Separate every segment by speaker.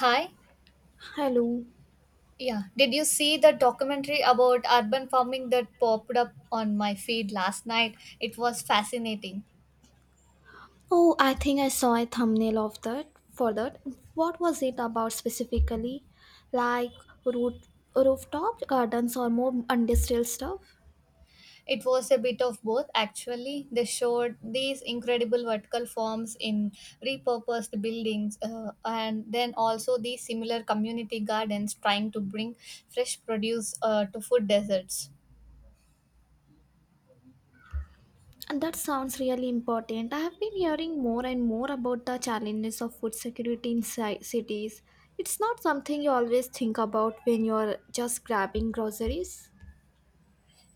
Speaker 1: Hi.
Speaker 2: Hello.
Speaker 1: Yeah. Did you see the documentary about urban farming that popped up on my feed last night? It was fascinating.
Speaker 2: Oh, I think I saw a thumbnail of that. What was it about specifically? Like root, Rooftop gardens or more industrial stuff?
Speaker 1: It was a bit of both, actually. They showed these incredible vertical forms in repurposed buildings and then also these similar community gardens trying to bring fresh produce to food deserts.
Speaker 2: And that sounds really important. I have been hearing more and more about the challenges of food security in cities. It's not something you always think about when you're just grabbing groceries.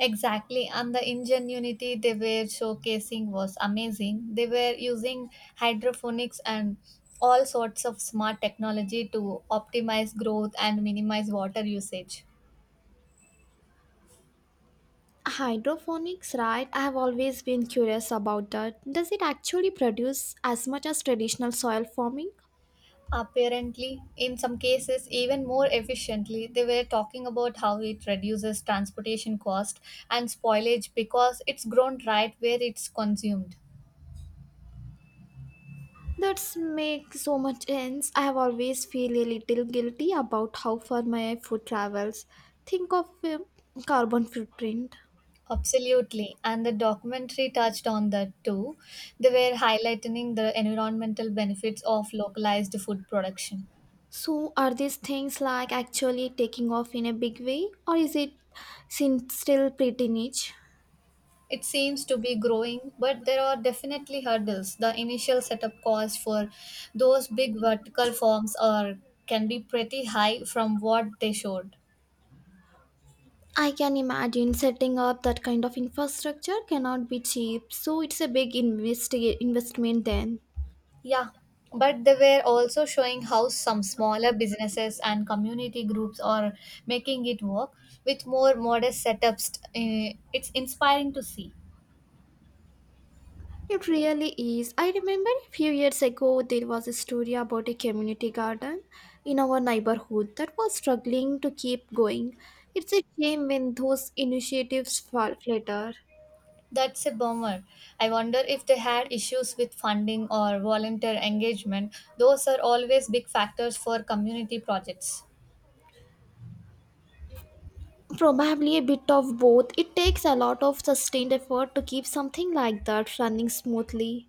Speaker 1: Exactly, and the ingenuity they were showcasing was amazing. They were using hydroponics and all sorts of smart technology to optimize growth and minimize water usage.
Speaker 2: Hydroponics, right? I have always been curious about that. Does it actually produce as much as traditional soil farming?
Speaker 1: Apparently, in some cases, even more efficiently, they were talking about how it reduces transportation cost and spoilage because it's grown right where it's consumed.
Speaker 2: That makes so much sense. I have always feel a little guilty about how far my food travels. Think of carbon footprint.
Speaker 1: Absolutely. And the documentary touched on that too. They were highlighting the environmental benefits of localized food production.
Speaker 2: So are these things like actually taking off in a big way or is it still pretty niche?
Speaker 1: It seems to be growing, but there are definitely hurdles. The initial setup cost for those big vertical farms are can be pretty high from what they showed.
Speaker 2: I can imagine setting up that kind of infrastructure cannot be cheap. So it's a big investment then.
Speaker 1: Yeah, but they were also showing how some smaller businesses and community groups are making it work with more modest setups. It's inspiring to see.
Speaker 2: It really is. I remember a few years ago there was a story about a community garden in our neighborhood that was struggling to keep going. It's a shame when those initiatives fall flatter.
Speaker 1: That's a bummer. I wonder if they had issues with funding or volunteer engagement. Those are always big factors for community projects.
Speaker 2: Probably a bit of both. It takes a lot of sustained effort to keep something like that running smoothly.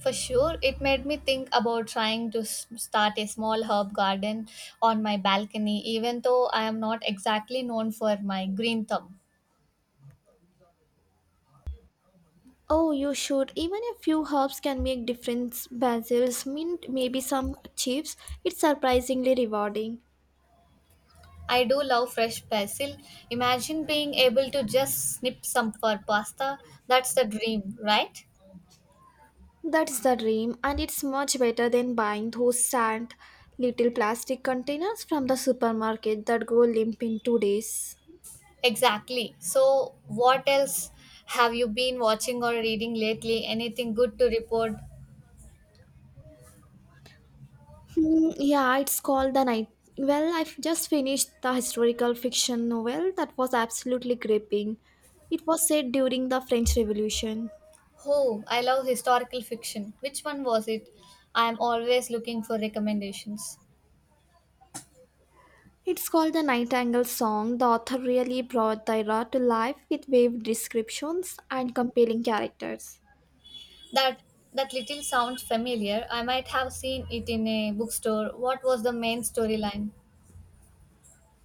Speaker 1: For sure, it made me think about trying to start a small herb garden on my balcony, even though I am not exactly known for my green thumb.
Speaker 2: Oh, you should. Even a few herbs can make difference. Basil's mint, maybe some chips. It's surprisingly rewarding.
Speaker 1: I do love fresh basil. Imagine being able to just snip some for pasta. That's the dream, right?
Speaker 2: That's the dream, and it's much better than buying those sad little plastic containers from the supermarket that go limp in 2 days.
Speaker 1: Exactly. So, what else have you been watching or reading lately? Anything good to report?
Speaker 2: Hmm, yeah, it's called The Night. Well, I've just finished the historical fiction novel that was absolutely gripping. It was set during the French Revolution.
Speaker 1: Oh, I love historical fiction. Which one was it? I am always looking for recommendations.
Speaker 2: It's called The Nightingale Song. The author really brought the era to life with vivid descriptions and compelling characters.
Speaker 1: That that little sounds familiar. I might have seen it in a bookstore. What was the main storyline?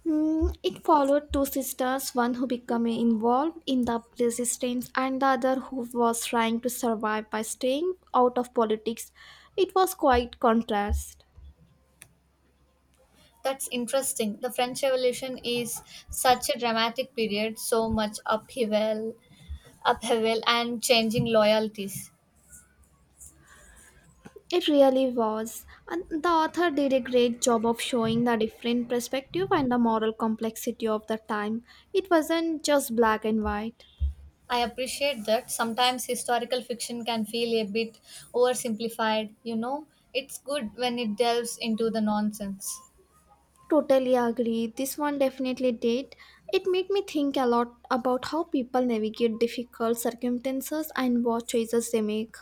Speaker 2: It followed two sisters, one who became involved in the resistance and the other who was trying to survive by staying out of politics. It was quite contrast.
Speaker 1: That's interesting. The French Revolution is such a dramatic period, so much upheaval, and changing loyalties.
Speaker 2: It really was. And the author did a great job of showing the different perspective and the moral complexity of the time. It wasn't just black and white.
Speaker 1: I appreciate that sometimes historical fiction can feel a bit oversimplified, you know. It's good when it delves into the nonsense.
Speaker 2: Totally agree. This one definitely did. It made me think a lot about how people navigate difficult circumstances and what choices they make.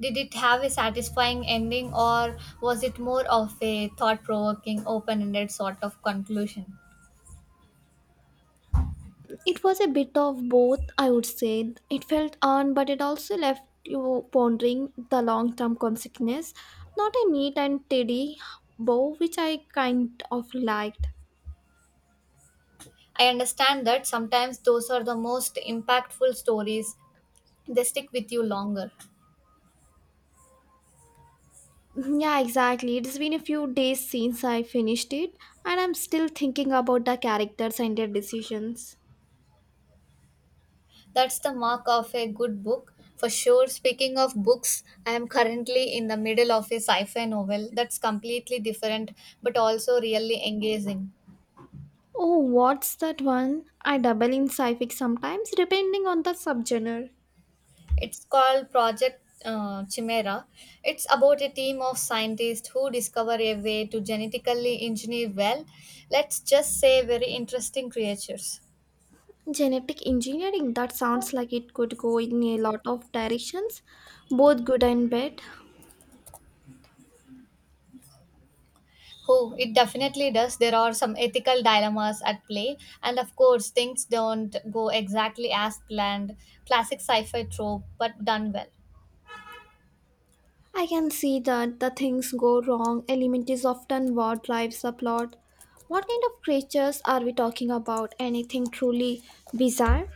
Speaker 1: Did it have a satisfying ending or was it more of a thought provoking, open ended sort of conclusion?
Speaker 2: It was a bit of both, I would say. It felt earned, but it also left you pondering the long term consequences. Not a neat and tidy bow, which I kind of liked.
Speaker 1: I understand that sometimes those are the most impactful stories, they stick with you longer.
Speaker 2: Yeah, exactly. It's been a few days since I finished it, and I'm still thinking about the characters and their decisions.
Speaker 1: That's the mark of a good book for sure. Speaking of books, I am currently in the middle of a sci fi novel that's completely different but also really engaging.
Speaker 2: Oh, what's that one? I double in sci-fi sometimes, depending on the subgenre.
Speaker 1: It's called Project Chimera. It's about a team of scientists who discover a way to genetically engineer, well, let's just say, very interesting creatures.
Speaker 2: Genetic engineering, that sounds like it could go in a lot of directions, both good and bad.
Speaker 1: Oh, it definitely does. There are some ethical dilemmas at play, and of course, things don't go exactly as planned. Classic sci-fi trope, but done well.
Speaker 2: I can see that the things go wrong element is often what drives the plot. What kind of creatures are we talking about? Anything truly bizarre?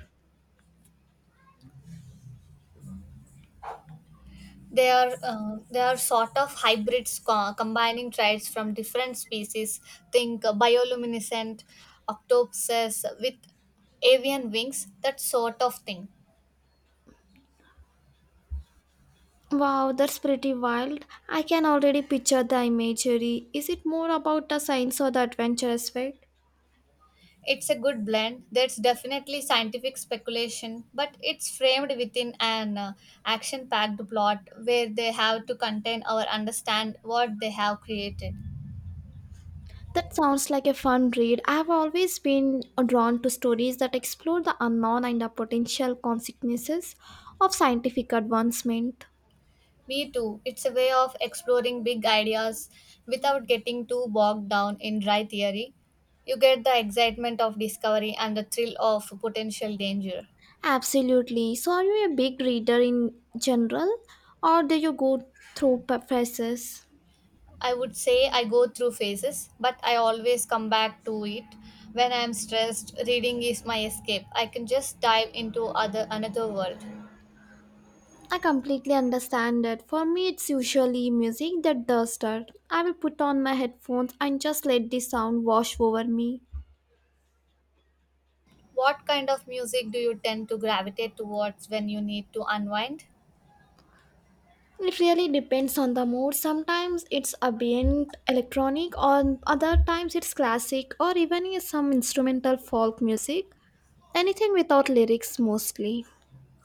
Speaker 1: They are sort of hybrids, combining traits from different species. Think bioluminescent octopuses with avian wings, that sort of thing.
Speaker 2: Wow, that's pretty wild. I can already picture the imagery. Is it more about the science or the adventure aspect?
Speaker 1: It's a good blend. There's definitely scientific speculation, but it's framed within an action packed plot where they have to contain or understand what they have created.
Speaker 2: That sounds like a fun read. I've always been drawn to stories that explore the unknown and the potential consequences of scientific advancement.
Speaker 1: Me too. It's a way of exploring big ideas without getting too bogged down in dry theory. You get the excitement of discovery and the thrill of potential danger.
Speaker 2: Absolutely. So, are you a big reader in general, or do you go through phases?
Speaker 1: I would say I go through phases, but I always come back to it. When I am stressed, reading is my escape. I can just dive into other another world.
Speaker 2: I completely understand it. For me, it's usually music that does that. I will put on my headphones and just let the sound wash over me.
Speaker 1: What kind of music do you tend to gravitate towards when you need to unwind?
Speaker 2: It really depends on the mood. Sometimes it's ambient electronic, or other times it's classic, or even some instrumental folk music. Anything without lyrics mostly.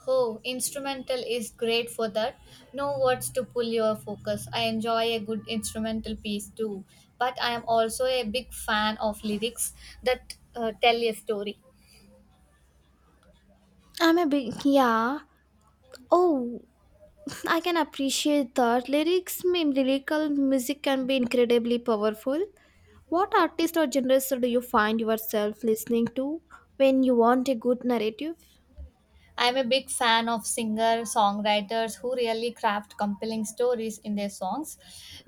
Speaker 1: Oh, instrumental is great for that. No words to pull your focus. I enjoy a good instrumental piece too, but I am also a big fan of lyrics that tell a story.
Speaker 2: I'm a big yeah. Oh, I can appreciate that. Lyrics mean lyrical music can be incredibly powerful. What artist or genres do you find yourself listening to when you want a good narrative?
Speaker 1: I'm a big fan of singer songwriters who really craft compelling stories in their songs.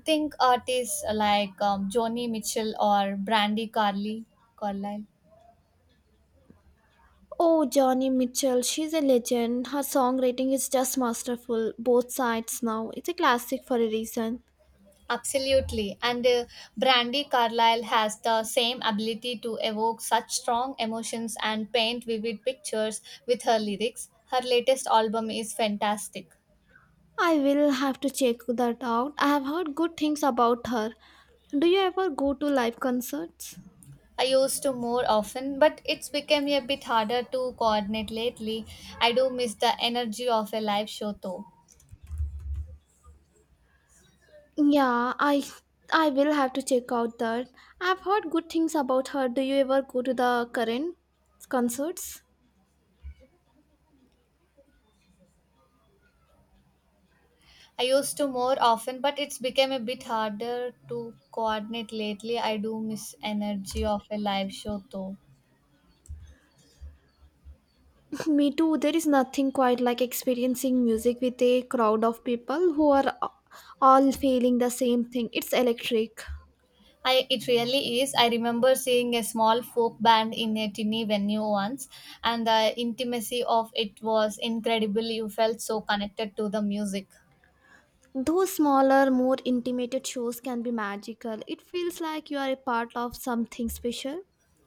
Speaker 1: Think artists like Joni Mitchell or Carlisle.
Speaker 2: Oh, Johnny Mitchell, she's a legend. Her songwriting is just masterful. Both sides now. It's a classic for a reason.
Speaker 1: Absolutely. And Brandy Carlisle has the same ability to evoke such strong emotions and paint vivid pictures with her lyrics. Her latest album is fantastic.
Speaker 2: I will have to check that out. I have heard good things about her. Do you ever go to live concerts?
Speaker 1: I used to more often, but it's become a bit harder to coordinate lately. I do miss the energy of a live show though.
Speaker 2: Yeah, I will have to check out that. I've heard good things about her. Do you ever go to the current concerts?
Speaker 1: I used to more often, but it's become a bit harder to coordinate lately. I do miss energy of a live show though.
Speaker 2: Me too. There is nothing quite like experiencing music with a crowd of people who are all feeling the same thing. It's electric.
Speaker 1: I It really is. I remember seeing a small folk band in a tiny venue once, and the intimacy of it was incredible. You felt so connected to the music.
Speaker 2: Those smaller, more intimate shows can be magical. It feels like you are a part of something special.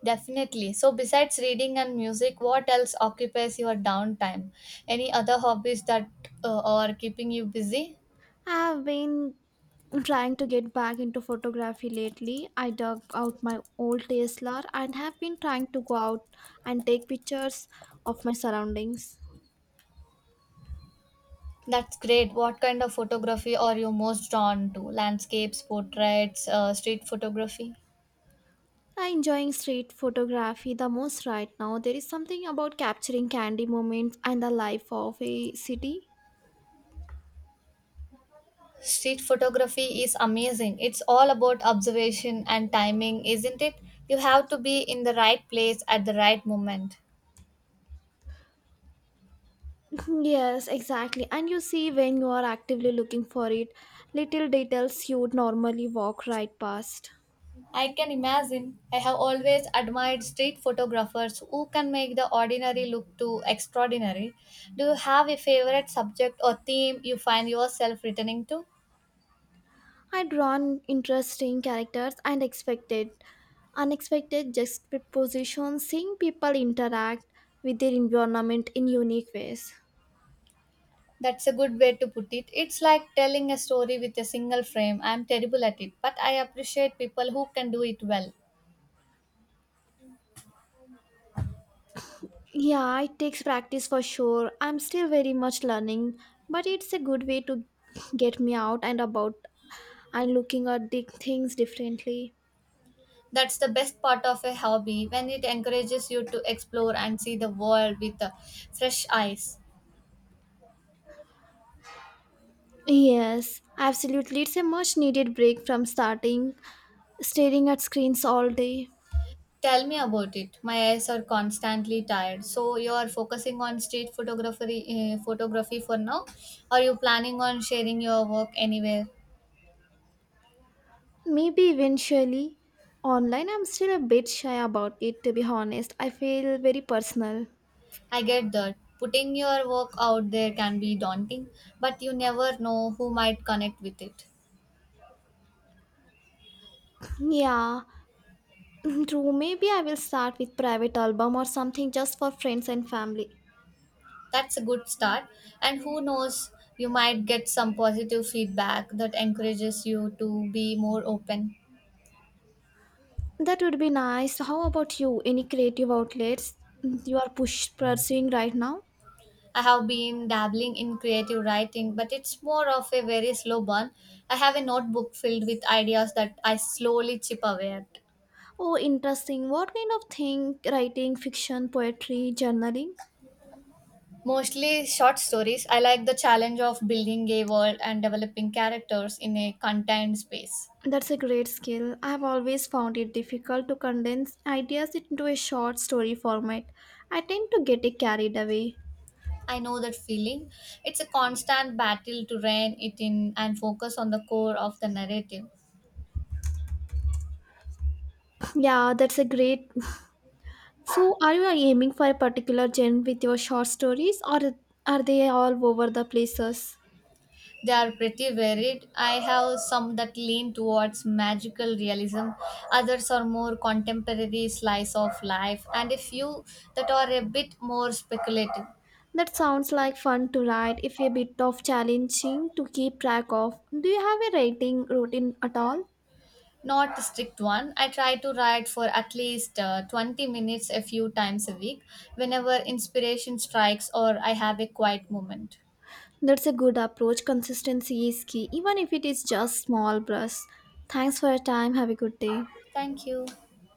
Speaker 1: Definitely. So, besides reading and music, what else occupies your downtime? Any other hobbies that are keeping you busy?
Speaker 2: I have been trying to get back into photography lately. I dug out my old DSLR and have been trying to go out and take pictures of my surroundings.
Speaker 1: That's great. What kind of photography are you most drawn to? Landscapes, portraits, street photography?
Speaker 2: I'm enjoying street photography the most right now. There is something about capturing candy moments and the life of a city.
Speaker 1: Street photography is amazing. It's all about observation and timing, isn't it? You have to be in the right place at the right moment.
Speaker 2: Yes, exactly. And you see when you are actively looking for it, little details you'd normally walk right past.
Speaker 1: I can imagine. I have always admired street photographers who can make the ordinary look to extraordinary. Do you have a favorite subject or theme you find yourself returning to?
Speaker 2: I drawn interesting characters and expected unexpected juxtapositions, seeing people interact with their environment in unique ways.
Speaker 1: That's a good way to put it. It's like telling a story with a single frame. I'm terrible at it, but I appreciate people who can do it well.
Speaker 2: Yeah, it takes practice for sure. I'm still very much learning, but it's a good way to get me out and about and looking at the things differently.
Speaker 1: That's the best part of a hobby when it encourages you to explore and see the world with fresh eyes.
Speaker 2: Yes, absolutely. It's a much needed break from starting staring at screens all day.
Speaker 1: Tell me about it. My eyes are constantly tired. So you are focusing on street photography, for now. Are you planning on sharing your work anywhere?
Speaker 2: Maybe eventually online I'm still a bit shy about it to be honest. I feel very personal.
Speaker 1: I get that. Putting your work out there can be daunting, but you never know who might connect with it.
Speaker 2: Yeah, true. Maybe I will start with private album or something just for friends and family.
Speaker 1: That's a good start. And who knows, you might get some positive feedback that encourages you to be more open.
Speaker 2: That would be nice. How about you? Any creative outlets you are push pursuing right now?
Speaker 1: I have been dabbling in creative writing, but it's more of a very slow burn. I have a notebook filled with ideas that I slowly chip away at.
Speaker 2: Oh, interesting. What kind of thing? Writing, fiction, poetry, journaling?
Speaker 1: Mostly short stories. I like the challenge of building a world and developing characters in a contained space.
Speaker 2: That's a great skill. I've always found it difficult to condense ideas into a short story format. I tend to get it carried away.
Speaker 1: I know that feeling. It's a constant battle to rein it in and focus on the core of the narrative.
Speaker 2: Yeah, that's a great. So, are you aiming for a particular genre with your short stories, or are they all over the places?
Speaker 1: They are pretty varied. I have some that lean towards magical realism, others are more contemporary slice of life, and a few that are a bit more speculative.
Speaker 2: That sounds like fun to write if a bit of challenging to keep track of. Do you have a writing routine at all?
Speaker 1: Not a strict one. I try to write for at least 20 minutes a few times a week whenever inspiration strikes or I have a quiet moment.
Speaker 2: That's a good approach. Consistency is key, even if it is just small brush. Thanks for your time. Have a good day.
Speaker 1: Thank you.